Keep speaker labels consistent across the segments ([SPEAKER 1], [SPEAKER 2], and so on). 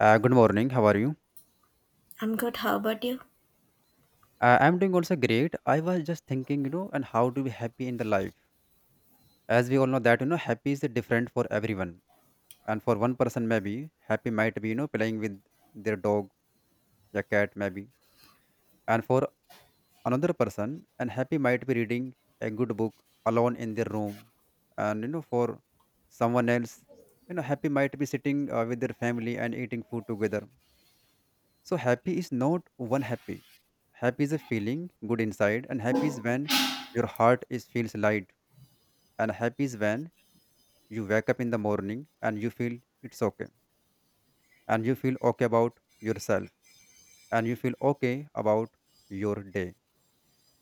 [SPEAKER 1] Good morning. How are you?
[SPEAKER 2] I'm good. How about you?
[SPEAKER 1] I'm doing also great. I was just thinking, and how to be happy in the life. As we all know that, happy is different for everyone. And for one person, maybe happy might be, playing with their dog, their cat, maybe. And for another person, and happy might be reading a good book alone in their room. And for someone else, happy might be sitting with their family and eating food together. So happy is not one happy. Happy is a feeling good inside, and happy is when your heart is feels light, and happy is when you wake up in the morning and you feel it's okay, and you feel okay about yourself, and you feel okay about your day.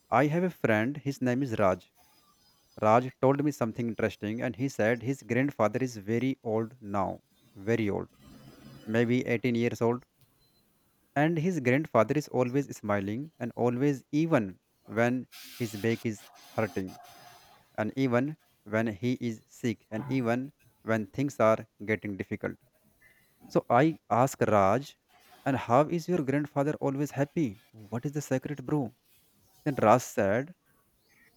[SPEAKER 1] I have a friend. His name is Raj. Raj told me something interesting, and he said his grandfather is very old now, very old, maybe 18 years old. And his grandfather is always smiling and always, even when his back is hurting, and even when he is sick, and even when things are getting difficult. So I ask Raj, "And how is your grandfather always happy? What is the secret, bro?" Then Raj said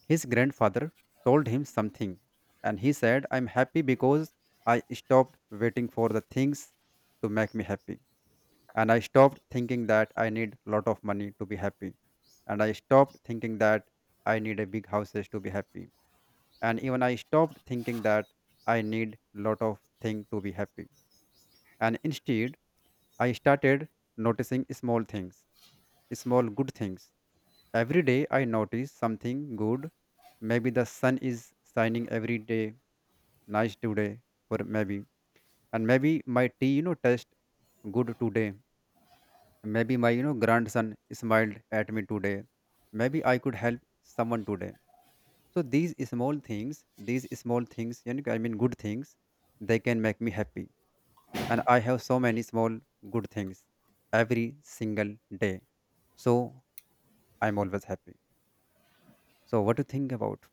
[SPEAKER 1] his grandfather told him something, and he said, "I'm happy because I stopped waiting for the things to make me happy. And I stopped thinking that I need a lot of money to be happy. And I stopped thinking that I need a big houses to be happy. And even I stopped thinking that I need lot of things to be happy. And instead, I started noticing small things, small good things. Every day I notice something good. Maybe the sun is shining every day nice today. Or maybe and maybe my tea tastes good today. Maybe my, grandson smiled at me today. Maybe I could help someone today. So these small things, I mean good things, they can make me happy. And I have so many small good things every single day. So I'm always happy. So what do you think about?"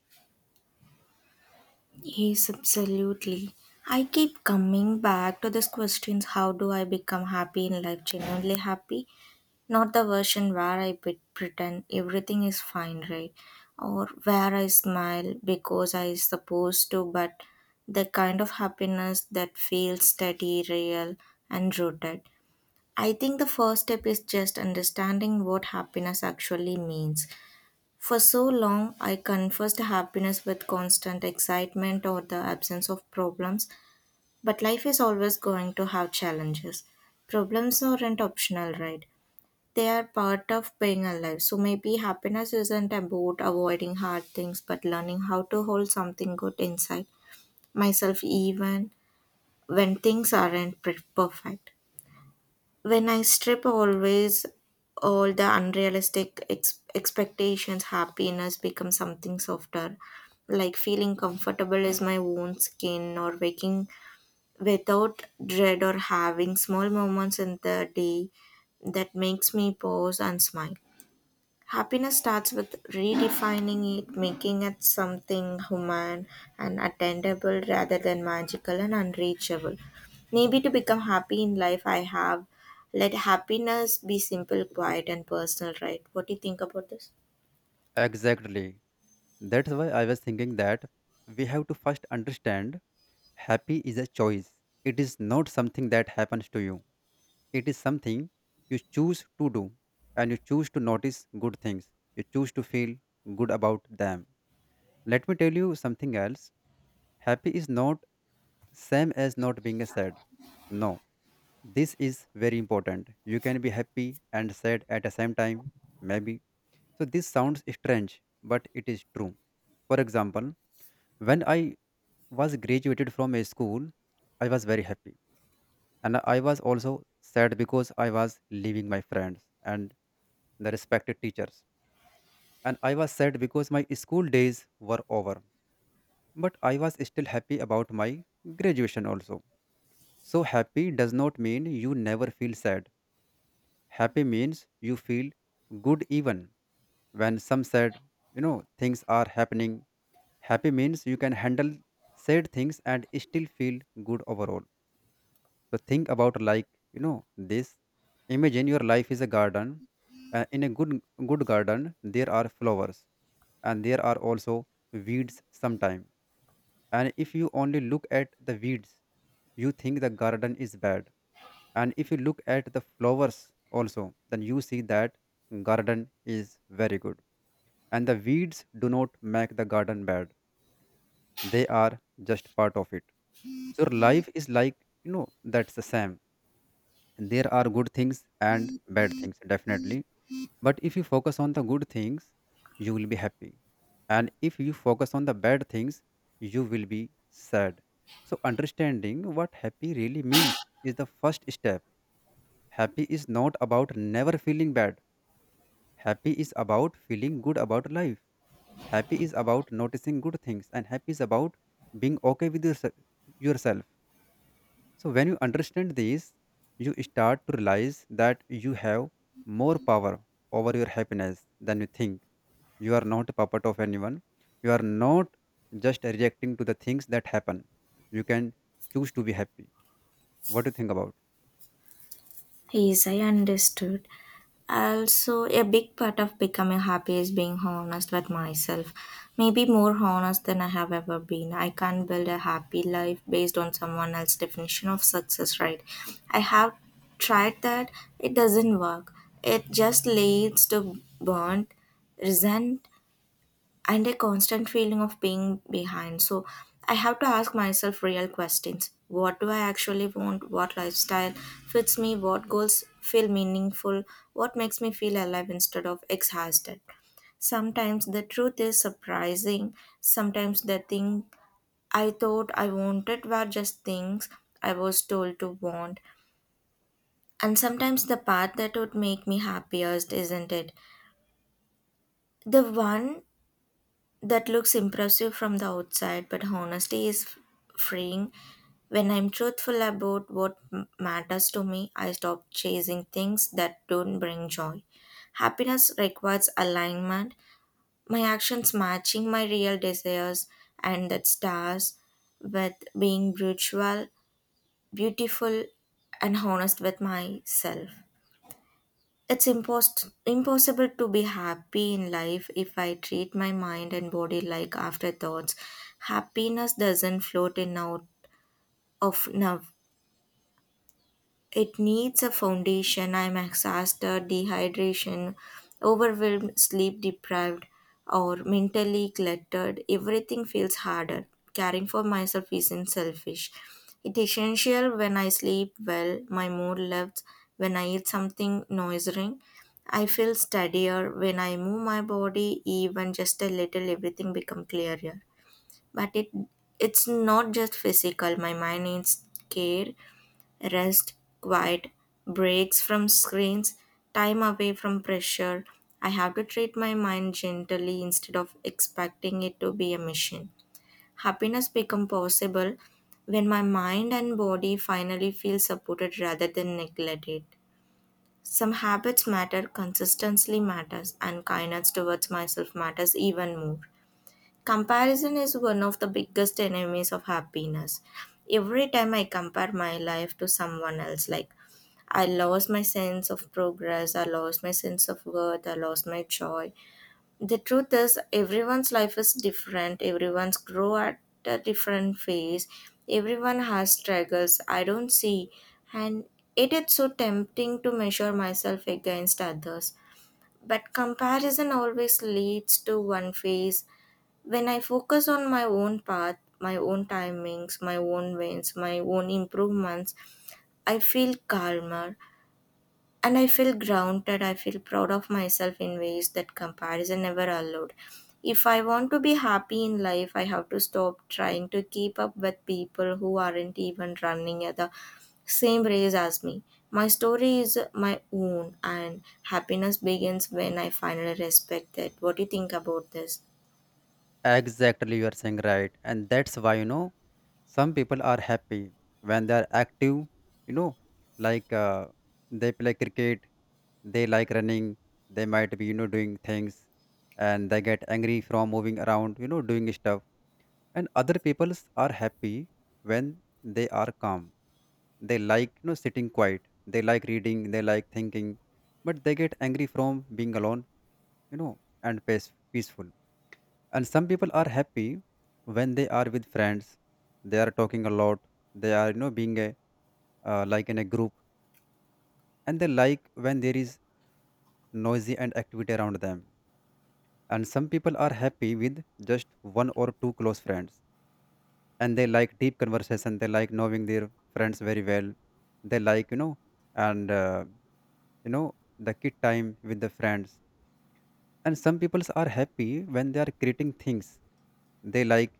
[SPEAKER 2] Yes, absolutely. I keep coming back to this questions, how do I become happy in life, genuinely happy? Not the version where pretend everything is fine, right? Or where I smile because I supposed to, but the kind of happiness that feels steady, real, and rooted. I think the first step is just understanding what happiness actually means. For so long, I confused happiness with constant excitement or the absence of problems, but life is always going to have challenges. Problems aren't optional, right? They are part of being alive. So maybe happiness isn't about avoiding hard things, but learning how to hold something good inside myself, even when things aren't perfect. When I strip always all the unrealistic expectations, happiness becomes something softer. Like feeling comfortable is my own skin, or waking without dread, or having small moments in the day that makes me pause and smile. Happiness starts with redefining it, making it something human and attainable rather than magical and unreachable. Maybe to become happy in life, I have let happiness be simple, quiet, and personal, right? What do you think about this?
[SPEAKER 1] Exactly. That's why I was thinking that we have to first understand happy is a choice. It is not something that happens to you. It is something you choose to do, and you choose to notice good things. You choose to feel good about them. Let me tell you something else. Happy is not same as not being sad. No, this is very important. You can be happy and sad at the same time, maybe. So this sounds strange, but it is true. For example, when I was graduated from a school, I was very happy, and I was also sad because I was leaving my friends and the respected teachers, and I was sad because my school days were over, but I was still happy about my graduation also. So happy does not mean you never feel sad. Happy means you feel good even when some sad you know things are happening. Happy means you can handle sad things and still feel good overall. So think about like this. Imagine your life is a garden. In a good garden, there are flowers, and there are also weeds sometimes. And if you only look at the weeds, you think the garden is bad. And if you look at the flowers also, then you see that garden is very good. And the weeds do not make the garden bad. They are just part of it. So life is like you know that's the same. There are good things and bad things, definitely. But if you focus on the good things, you will be happy. And if you focus on the bad things, you will be sad. So, understanding what happy really means is the first step. Happy is not about never feeling bad. Happy is about feeling good about life. Happy is about noticing good things. And happy is about being okay with yourself. So when you understand this, you start to realize that you have more power over your happiness than you think. You are not a puppet of anyone. You are not just reacting to the things that happen. You can choose to be happy. What do you think about?
[SPEAKER 2] Yes, I understood. Also, a big part of becoming happy is being honest with myself. Maybe more honest than I have ever been. I can't build a happy life based on someone else's definition of success, right? I have tried that. It doesn't work. It just leads to burnt, resentment, and a constant feeling of being behind. So I have to ask myself real questions. What do I actually want? What lifestyle fits me? What goals feel meaningful? What makes me feel alive instead of exhausted? Sometimes the truth is surprising. Sometimes the thing I thought I wanted were just things I was told to want. And sometimes the path that would make me happiest isn't it? The one that looks impressive from the outside, but honesty is freeing. When I'm truthful about what matters to me, I stop chasing things that don't bring joy. Happiness requires alignment, my actions matching my real desires, and that stars with being brutal, beautiful, and honest with myself. It's impossible to be happy in life if I treat my mind and body like afterthoughts. Happiness doesn't float in out of now, it needs a foundation. I'm exhausted, dehydration, overwhelmed, sleep deprived, or mentally cluttered. Everything feels harder. Caring for myself isn't selfish. It's essential. When I sleep well, my mood lifts, when I eat something nourishing. I feel steadier when I move my body, even just a little, everything becomes clearer. But it it's not just physical, my mind needs care, rest, quiet, breaks from screens, time away from pressure. I have to treat my mind gently instead of expecting it to be a machine. Happiness become possible when my mind and body finally feel supported rather than neglected. Some habits matter, consistency matters, and kindness towards myself matters even more. Comparison is one of the biggest enemies of happiness. Every time I compare my life to someone else, like, I lost my sense of progress. I lost my sense of worth. I lost my joy. The truth is, everyone's life is different. Everyone's grow at a different phase. Everyone has struggles I don't see, and it is so tempting to measure myself against others. But comparison always leads to one phase. When I focus on my own path, my own timings, my own wins, my own improvements, I feel calmer and I feel grounded. I feel proud of myself in ways that comparison never allowed. If I want to be happy in life, I have to stop trying to keep up with people who aren't even running at the same race as me. My story is my own, and happiness begins when I finally respect that. What do you think about this?
[SPEAKER 1] Exactly, you are saying right. And that's why, some people are happy when they are active, you know, like they play cricket, they like running, they might be, doing things, and they get angry from moving around, doing stuff. And other people are happy when they are calm. They like, sitting quiet, they like reading, they like thinking, but they get angry from being alone, and peaceful. And some people are happy when they are with friends. They are talking a lot. They are, being like in a group. And they like when there is noisy and activity around them. And some people are happy with just one or two close friends. And they like deep conversation. They like knowing their friends very well. They likeand, uh, the kid time with the friends. And some people are happy when they are creating things. They like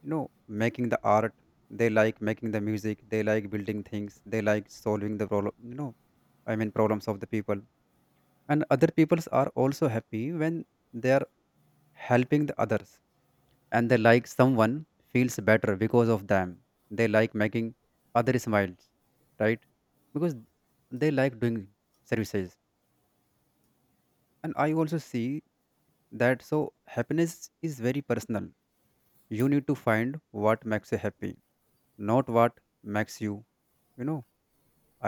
[SPEAKER 1] you know making the art. They like making the music. They like building things. They like solving the problem, I mean problems of the people. And other peoples are also happy when they are helping the others, and they like someone feels better because of them. They like making other smiles, right? Because they like doing services. And I also see that. So happiness is very personal. You need to find what makes you happy, not what makes you, you know,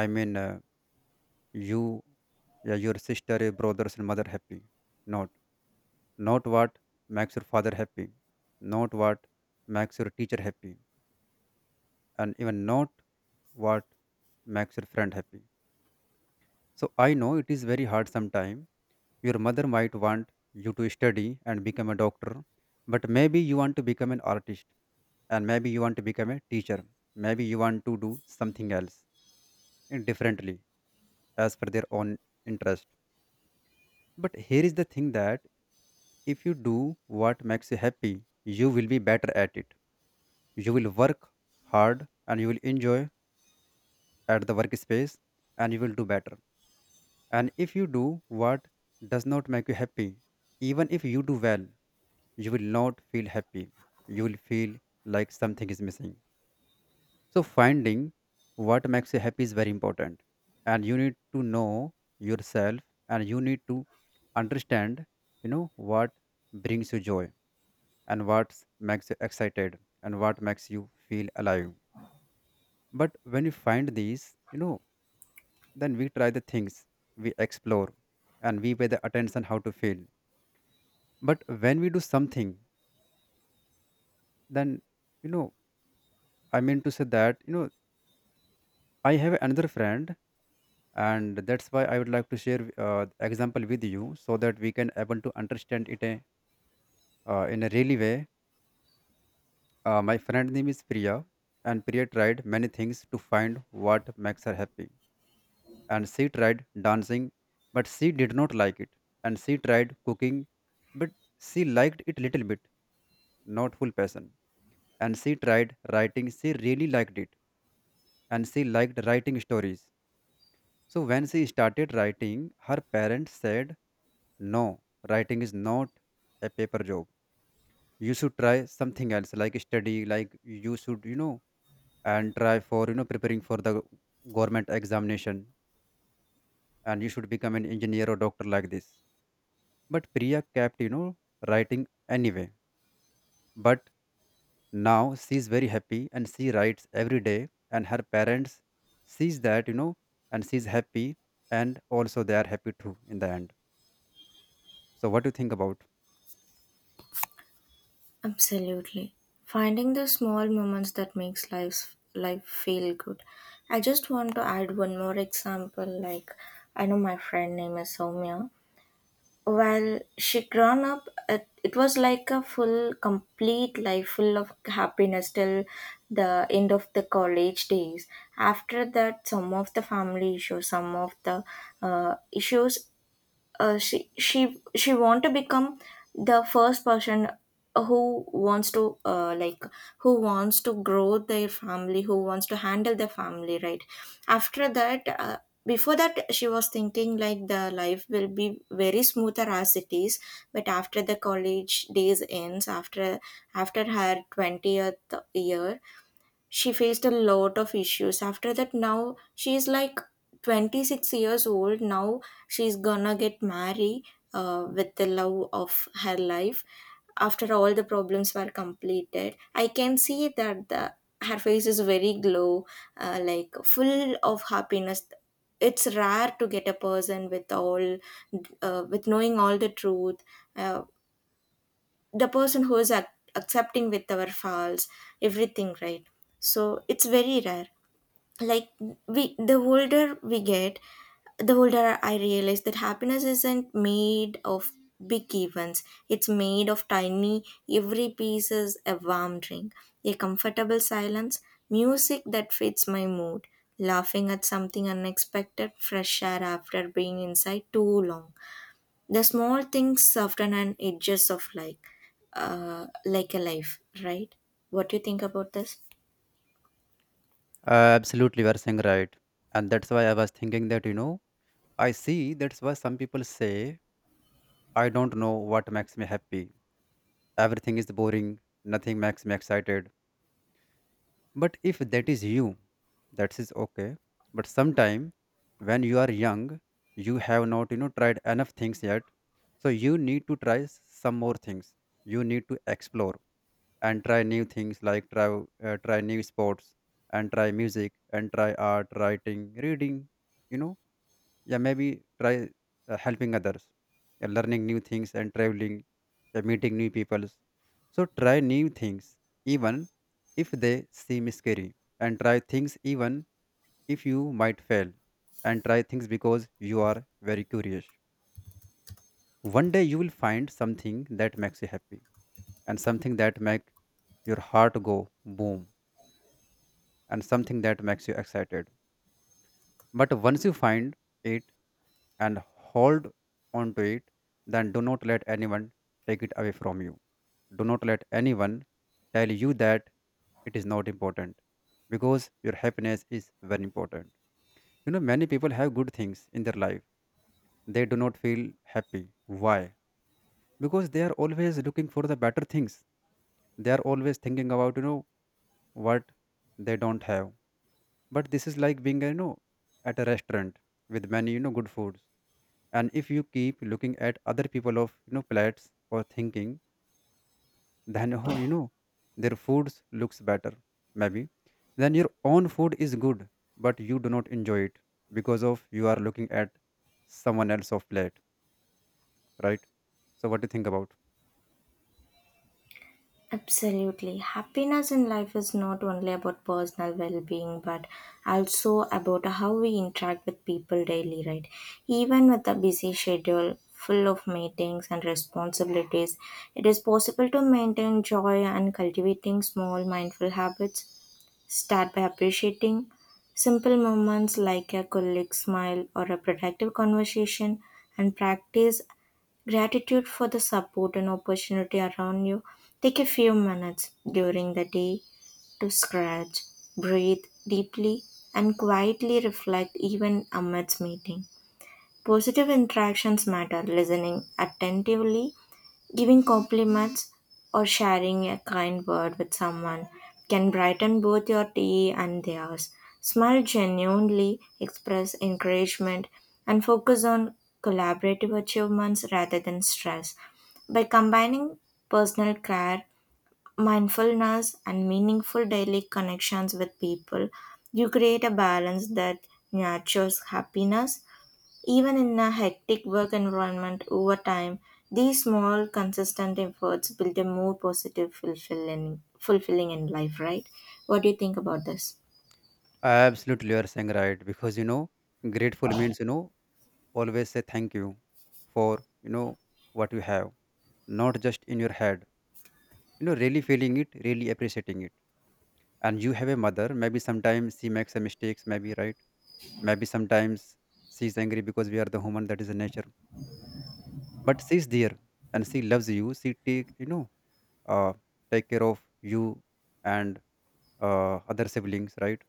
[SPEAKER 1] I mean, you, yeah, your sister, your brothers, and mother happy. Not, not what makes your father happy, not what makes your teacher happy, and even not what makes your friend happy. So I know it is very hard sometimes. Your mother might want you to study and become a doctor, but maybe you want to become an artist, and maybe you want to become a teacher. Maybe you want to do something else and differently as per their own interest. But here is the thing that if you do what makes you happy, you will be better at it. You will work hard and you will enjoy at the workspace and you will do better. And if you do what does not make you happy, even if you do well, you will not feel happy. You will feel like something is missing. So, finding what makes you happy is very important. And you need to know yourself and you need to understand, what brings you joy and what makes you excited and what makes you feel alive. But when you find these, then we try the things, we explore, and we pay the attention how to feel. But when we do something then, you know I mean to say that, I have another friend, and that's why I would like to share example with you so that we can able to understand it in a really way. My friend name is Priya. And Priya tried many things to find what makes her happy. And she tried dancing, but she did not like it. And she tried cooking, but she liked it little bit, not full passion. And she tried writing, she really liked it, and she liked writing stories. So when she started writing, her parents said, "No, writing is not a paper job. You should try something else, like study, like you should, and try for, preparing for the government examination, and you should become an engineer or doctor like this." But Priya kept, writing anyway. But now she's very happy and she writes every day, and her parents sees that, and she's happy, and also they are happy too in the end. So what do you think about?
[SPEAKER 2] Absolutely. Finding the small moments that makes life feel good. I just want to add one more example. Like, I know my friend name is Soumya. While she grown up, it was like a full complete life full of happiness till the end of the college days. After that, some of the family issues, some of the issues, she want to become the first person who wants to like, who wants to grow their family, who wants to handle their family, right? After that, before that, she was thinking like the life will be very smoother as it is, but after the college days ends, after after her 20th year, she faced a lot of issues. After that, now she's like 26 years old now, she's gonna get married with the love of her life. After all the problems were completed, I can see that the her face is very glow, like full of happiness. It's rare to get a person with all, with knowing all the truth, uh, the person who is accepting with our faults, everything, right? So it's very rare. Like, we the older we get, the older I realize that happiness isn't made of big events, it's made of tiny. Every piece is a warm drink, a comfortable silence, music that fits my mood, laughing at something unexpected, fresh air after being inside too long. The small things soften and edges of, like, like a life, right? What do you think about this?
[SPEAKER 1] Absolutely, you are saying right. And that's why I was thinking that, I see that's why some people say I don't know what makes me happy, everything is boring, nothing makes me excited. But if that is you, that is okay. But sometime when you are young, you have not, tried enough things yet. So you need to try some more things. You need to explore and try new things like try new sports and try music and try art, writing, reading, you know yeah, maybe try helping others. Yeah, learning new things and traveling. Yeah, meeting new people. So try new things even if they seem scary, and try things even if you might fail, and try things because you are very curious. One day you will find something that makes you happy, and something that make your heart go boom, and something that makes you excited. But once you find it and hold on to it, then do not let anyone take it away from you. Do not let anyone tell you that it is not important, because your happiness is very important. You know, many people have good things in their life, they do not feel happy. Why? Because they are always looking for the better things, they are always thinking about, what they don't have. But this is like being, at a restaurant with many, good foods, and if you keep looking at other people of plates or thinking, then oh, their foods looks better, maybe, then your own food is good, but you do not enjoy it because of you are looking at someone else of plate, right? So what do you think about?
[SPEAKER 2] Absolutely. Happiness in life is not only about personal well being, but also about how we interact with people daily, right? Even with a busy schedule full of meetings and responsibilities, it is possible to maintain joy and cultivating small mindful habits. Start by appreciating simple moments like a colleague's smile or a productive conversation, and practice gratitude for the support and opportunity around you. Take a few minutes during the day to scratch, breathe deeply, and quietly reflect even amidst meeting. Positive interactions matter. Listening attentively, giving compliments or sharing a kind word with someone can brighten both your day and theirs. Smile genuinely, express encouragement, and focus on collaborative achievements rather than stress. By combining personal care, mindfulness, and meaningful daily connections with people, you create a balance that nurtures happiness even in a hectic work environment. Over time, these small, consistent efforts build a more positive, fulfilling in life, right? What do you think about this?
[SPEAKER 1] Absolutely, you are saying right, because grateful means, always say thank you for, what you have, not just in your head, really feeling it, really appreciating it. And you have a mother, maybe sometimes she makes a mistakes, maybe, right? Maybe sometimes she's angry, because we are the human, that is the nature. But she's there and she loves you, she take, uh, take care of you and other siblings, right?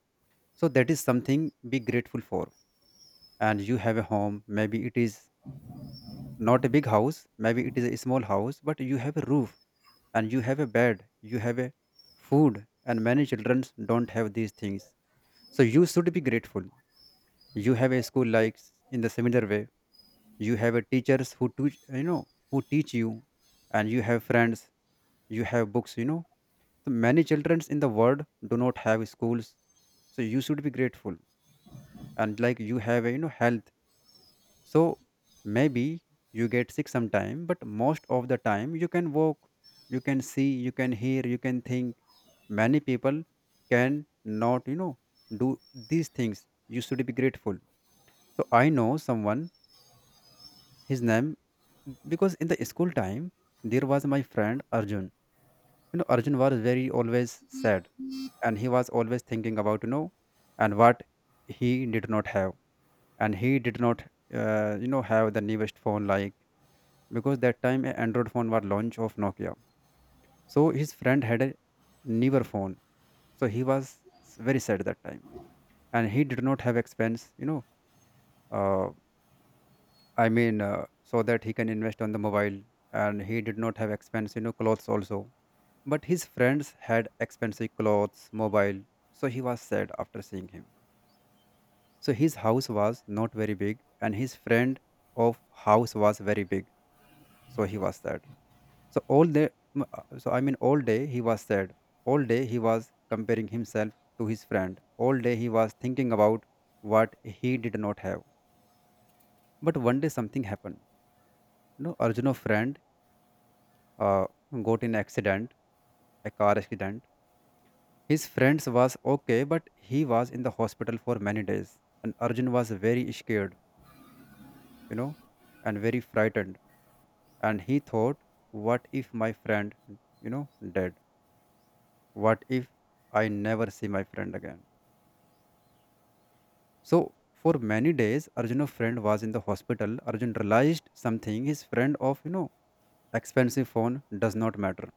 [SPEAKER 1] So that is something be grateful for. And you have a home, maybe it is not a big house, maybe it is a small house, but you have a roof, and you have a bed, you have a food, and many children don't have these things, so you should be grateful. You have a school, like in the similar way, you have a teachers who teach, who teach you, and you have friends, you have books, you know. So many children in the world do not have schools, so you should be grateful. And like you have a, you know, health. So maybe you get sick sometime, but most of the time you can walk, you can see, you can hear, you can think. Many people can not, you know, do these things. You should be grateful. So I know someone, his name, because in the school time, there was my friend Arjun. You know, Arjun was very always sad, and he was always thinking about, and what he did not have. And he did not, you know, have the newest phone, like because that time a Android phone was launch of Nokia. So his friend had a newer phone. So he was very sad that time, and he did not have expense, uh, so that he can invest on the mobile. And he did not have expensive, you know, clothes also. But his friends had expensive clothes, mobile. So he was sad after seeing him. So his house was not very big, and his friend of house was very big. So he was sad. So all day, all day he was sad. All day he was comparing himself to his friend. All day he was thinking about what he did not have. But one day something happened. You know, Arjuna's friend uh, got in accident, a car accident. His friends was okay, but he was in the hospital for many days. And Arjun was very scared, you know, and very frightened. And he thought, what if my friend, you know, dead? What if I never see my friend again? So for many days, Arjun's friend was in the hospital. Arjun realized something. His friend of, you know, expensive phone does not matter.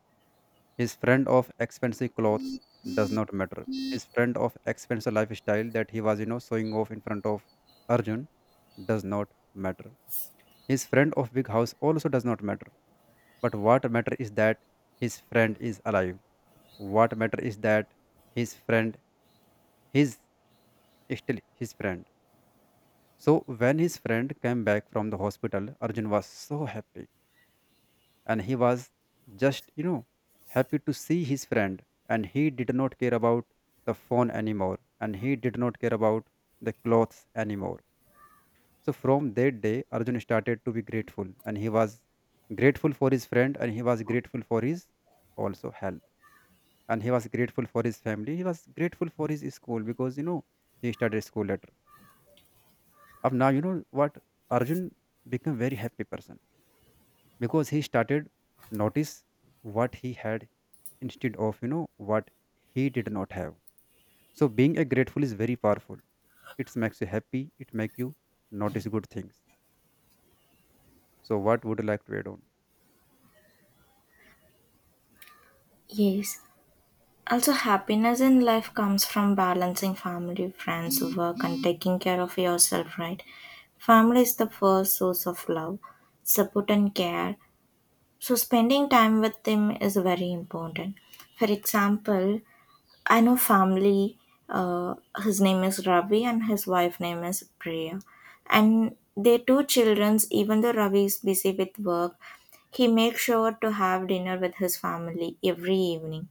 [SPEAKER 1] His friend of expensive clothes does not matter. His friend of expensive lifestyle that he was, you know, showing off in front of Arjun does not matter. His friend of big house also does not matter. But what matter is that his friend is alive. What matter is that his friend is still his friend. So when his friend came back from the hospital, Arjun was so happy, and he was just, you know, happy to see his friend, and he did not care about the phone anymore, and he did not care about the clothes anymore. So from that day Arjun started to be grateful, and he was grateful for his friend, and he was grateful for his also health, and he was grateful for his family, he was grateful for his school, because you know, he started school later. Of now you know what, Arjun became very happy person, because he started notice what he had instead of, what he did not have. So being a grateful is very powerful, it makes you happy, it makes you notice good things. So what would you like to add on?
[SPEAKER 2] Yes. Also, happiness in life comes from balancing family, friends, work, and taking care of yourself, right? Family is the first source of love, support, and care. So, spending time with them is very important. For example, I know family. Uh, his name is Ravi, and his wife name is Priya, and their two childrens. Even though Ravi is busy with work, he makes sure to have dinner with his family every evening.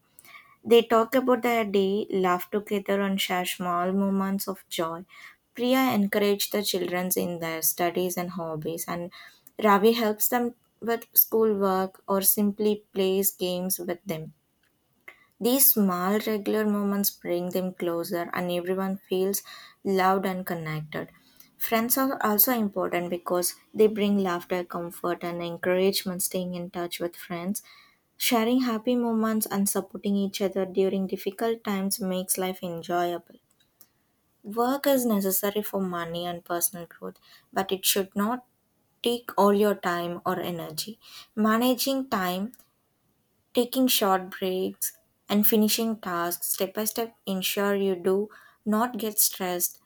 [SPEAKER 2] They talk about their day, laugh together, and share small moments of joy. Priya encourages the children in their studies and hobbies, and Ravi helps them with schoolwork or simply plays games with them. These small regular moments bring them closer and everyone feels loved and connected. Friends are also important because they bring laughter, comfort, and encouragement. Staying in touch with friends, sharing happy moments, and supporting each other during difficult times makes life enjoyable. Work is necessary for money and personal growth, but it should not take all your time or energy. Managing time, taking short breaks, and finishing tasks step by step ensure you do not get stressed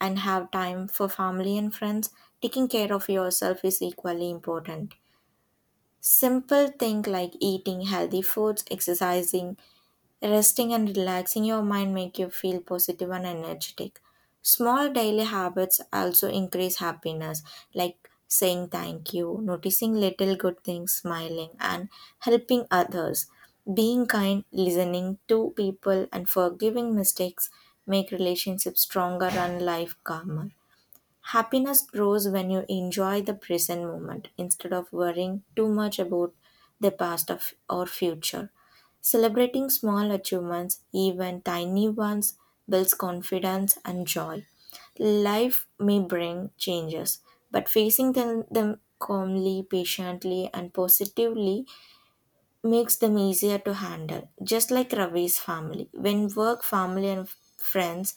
[SPEAKER 2] and have time for family and friends. Taking care of yourself is equally important. Simple things like eating healthy foods, exercising, resting and relaxing your mind make you feel positive and energetic. Small daily habits also increase happiness, like saying thank you, noticing little good things, smiling, and helping others. Being kind, listening to people, and forgiving mistakes make relationships stronger and life calmer. Happiness grows when you enjoy the present moment instead of worrying too much about the or future. Celebrating small achievements, even tiny ones, builds confidence and joy. Life may bring changes, but facing them, them calmly, patiently, and positively makes them easier to handle. Just like Ravi's family, when work, family, and friends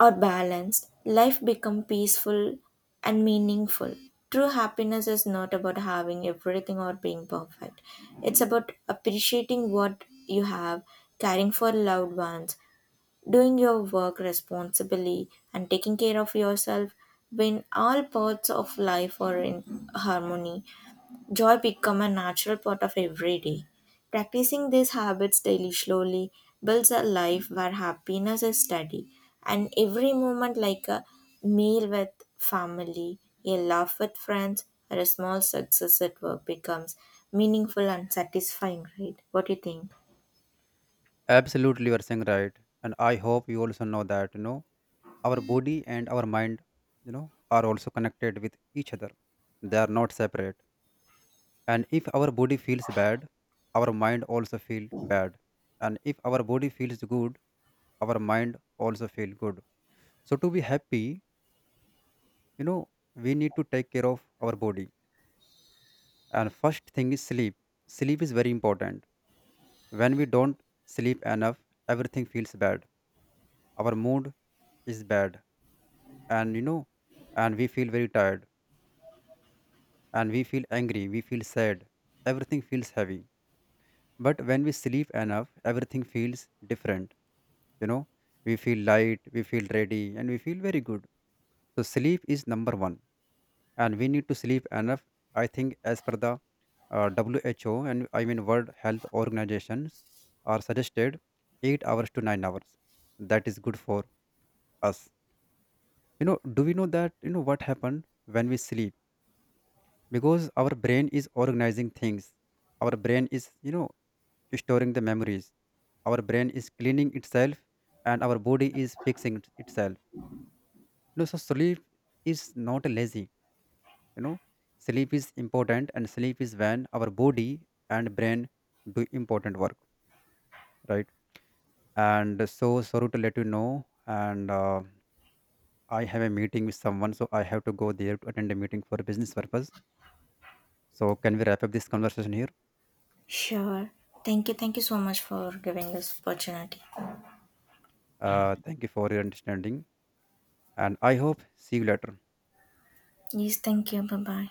[SPEAKER 2] or balanced, life becomes peaceful and meaningful. True happiness is not about having everything or being perfect. It's about appreciating what you have, caring for loved ones, doing your work responsibly, and taking care of yourself. When all parts of life are in harmony, joy become a natural part of every day. Practicing these habits daily slowly builds a life where happiness is steady and every moment, like a meal with family, a laugh with friends, or a small success at work becomes meaningful and satisfying, right? What do you think?
[SPEAKER 1] Absolutely, you are saying right, and I hope you also know that, our body and our mind, you know, are also connected with each other, they are not separate. And if our body feels bad, our mind also feel bad. And if our body feels good, our mind also feel good. So to be happy, you know, we need to take care of our body. And first thing is sleep. Sleep is very important. When we don't sleep enough, everything feels bad, our mood is bad, and you know, and we feel very tired, and we feel angry, we feel sad, everything feels heavy. But when we sleep enough, everything feels different, you know, we feel light, we feel ready, and we feel very good. So sleep is number one, and we need to sleep enough. I think as per the uh, who, and I mean world health organizations are suggested 8 hours to 9 hours, that is good for us. You know, do we know that, you know, what happened when we sleep? Because our brain is organizing things, our brain is, you know, storing the memories, our brain is cleaning itself, and our body is fixing itself, you know. So sleep is not lazy, you know, sleep is important, and sleep is when our body and brain do important work, right? And so sorry to let you know, and I have a meeting with someone, so I have to go there to attend a meeting for a business purpose. So can we wrap up this conversation here?
[SPEAKER 2] Sure. Thank you. Thank you so much for giving this opportunity.
[SPEAKER 1] Thank you for your understanding, and I hope see you later.
[SPEAKER 2] Yes, thank you. Bye bye.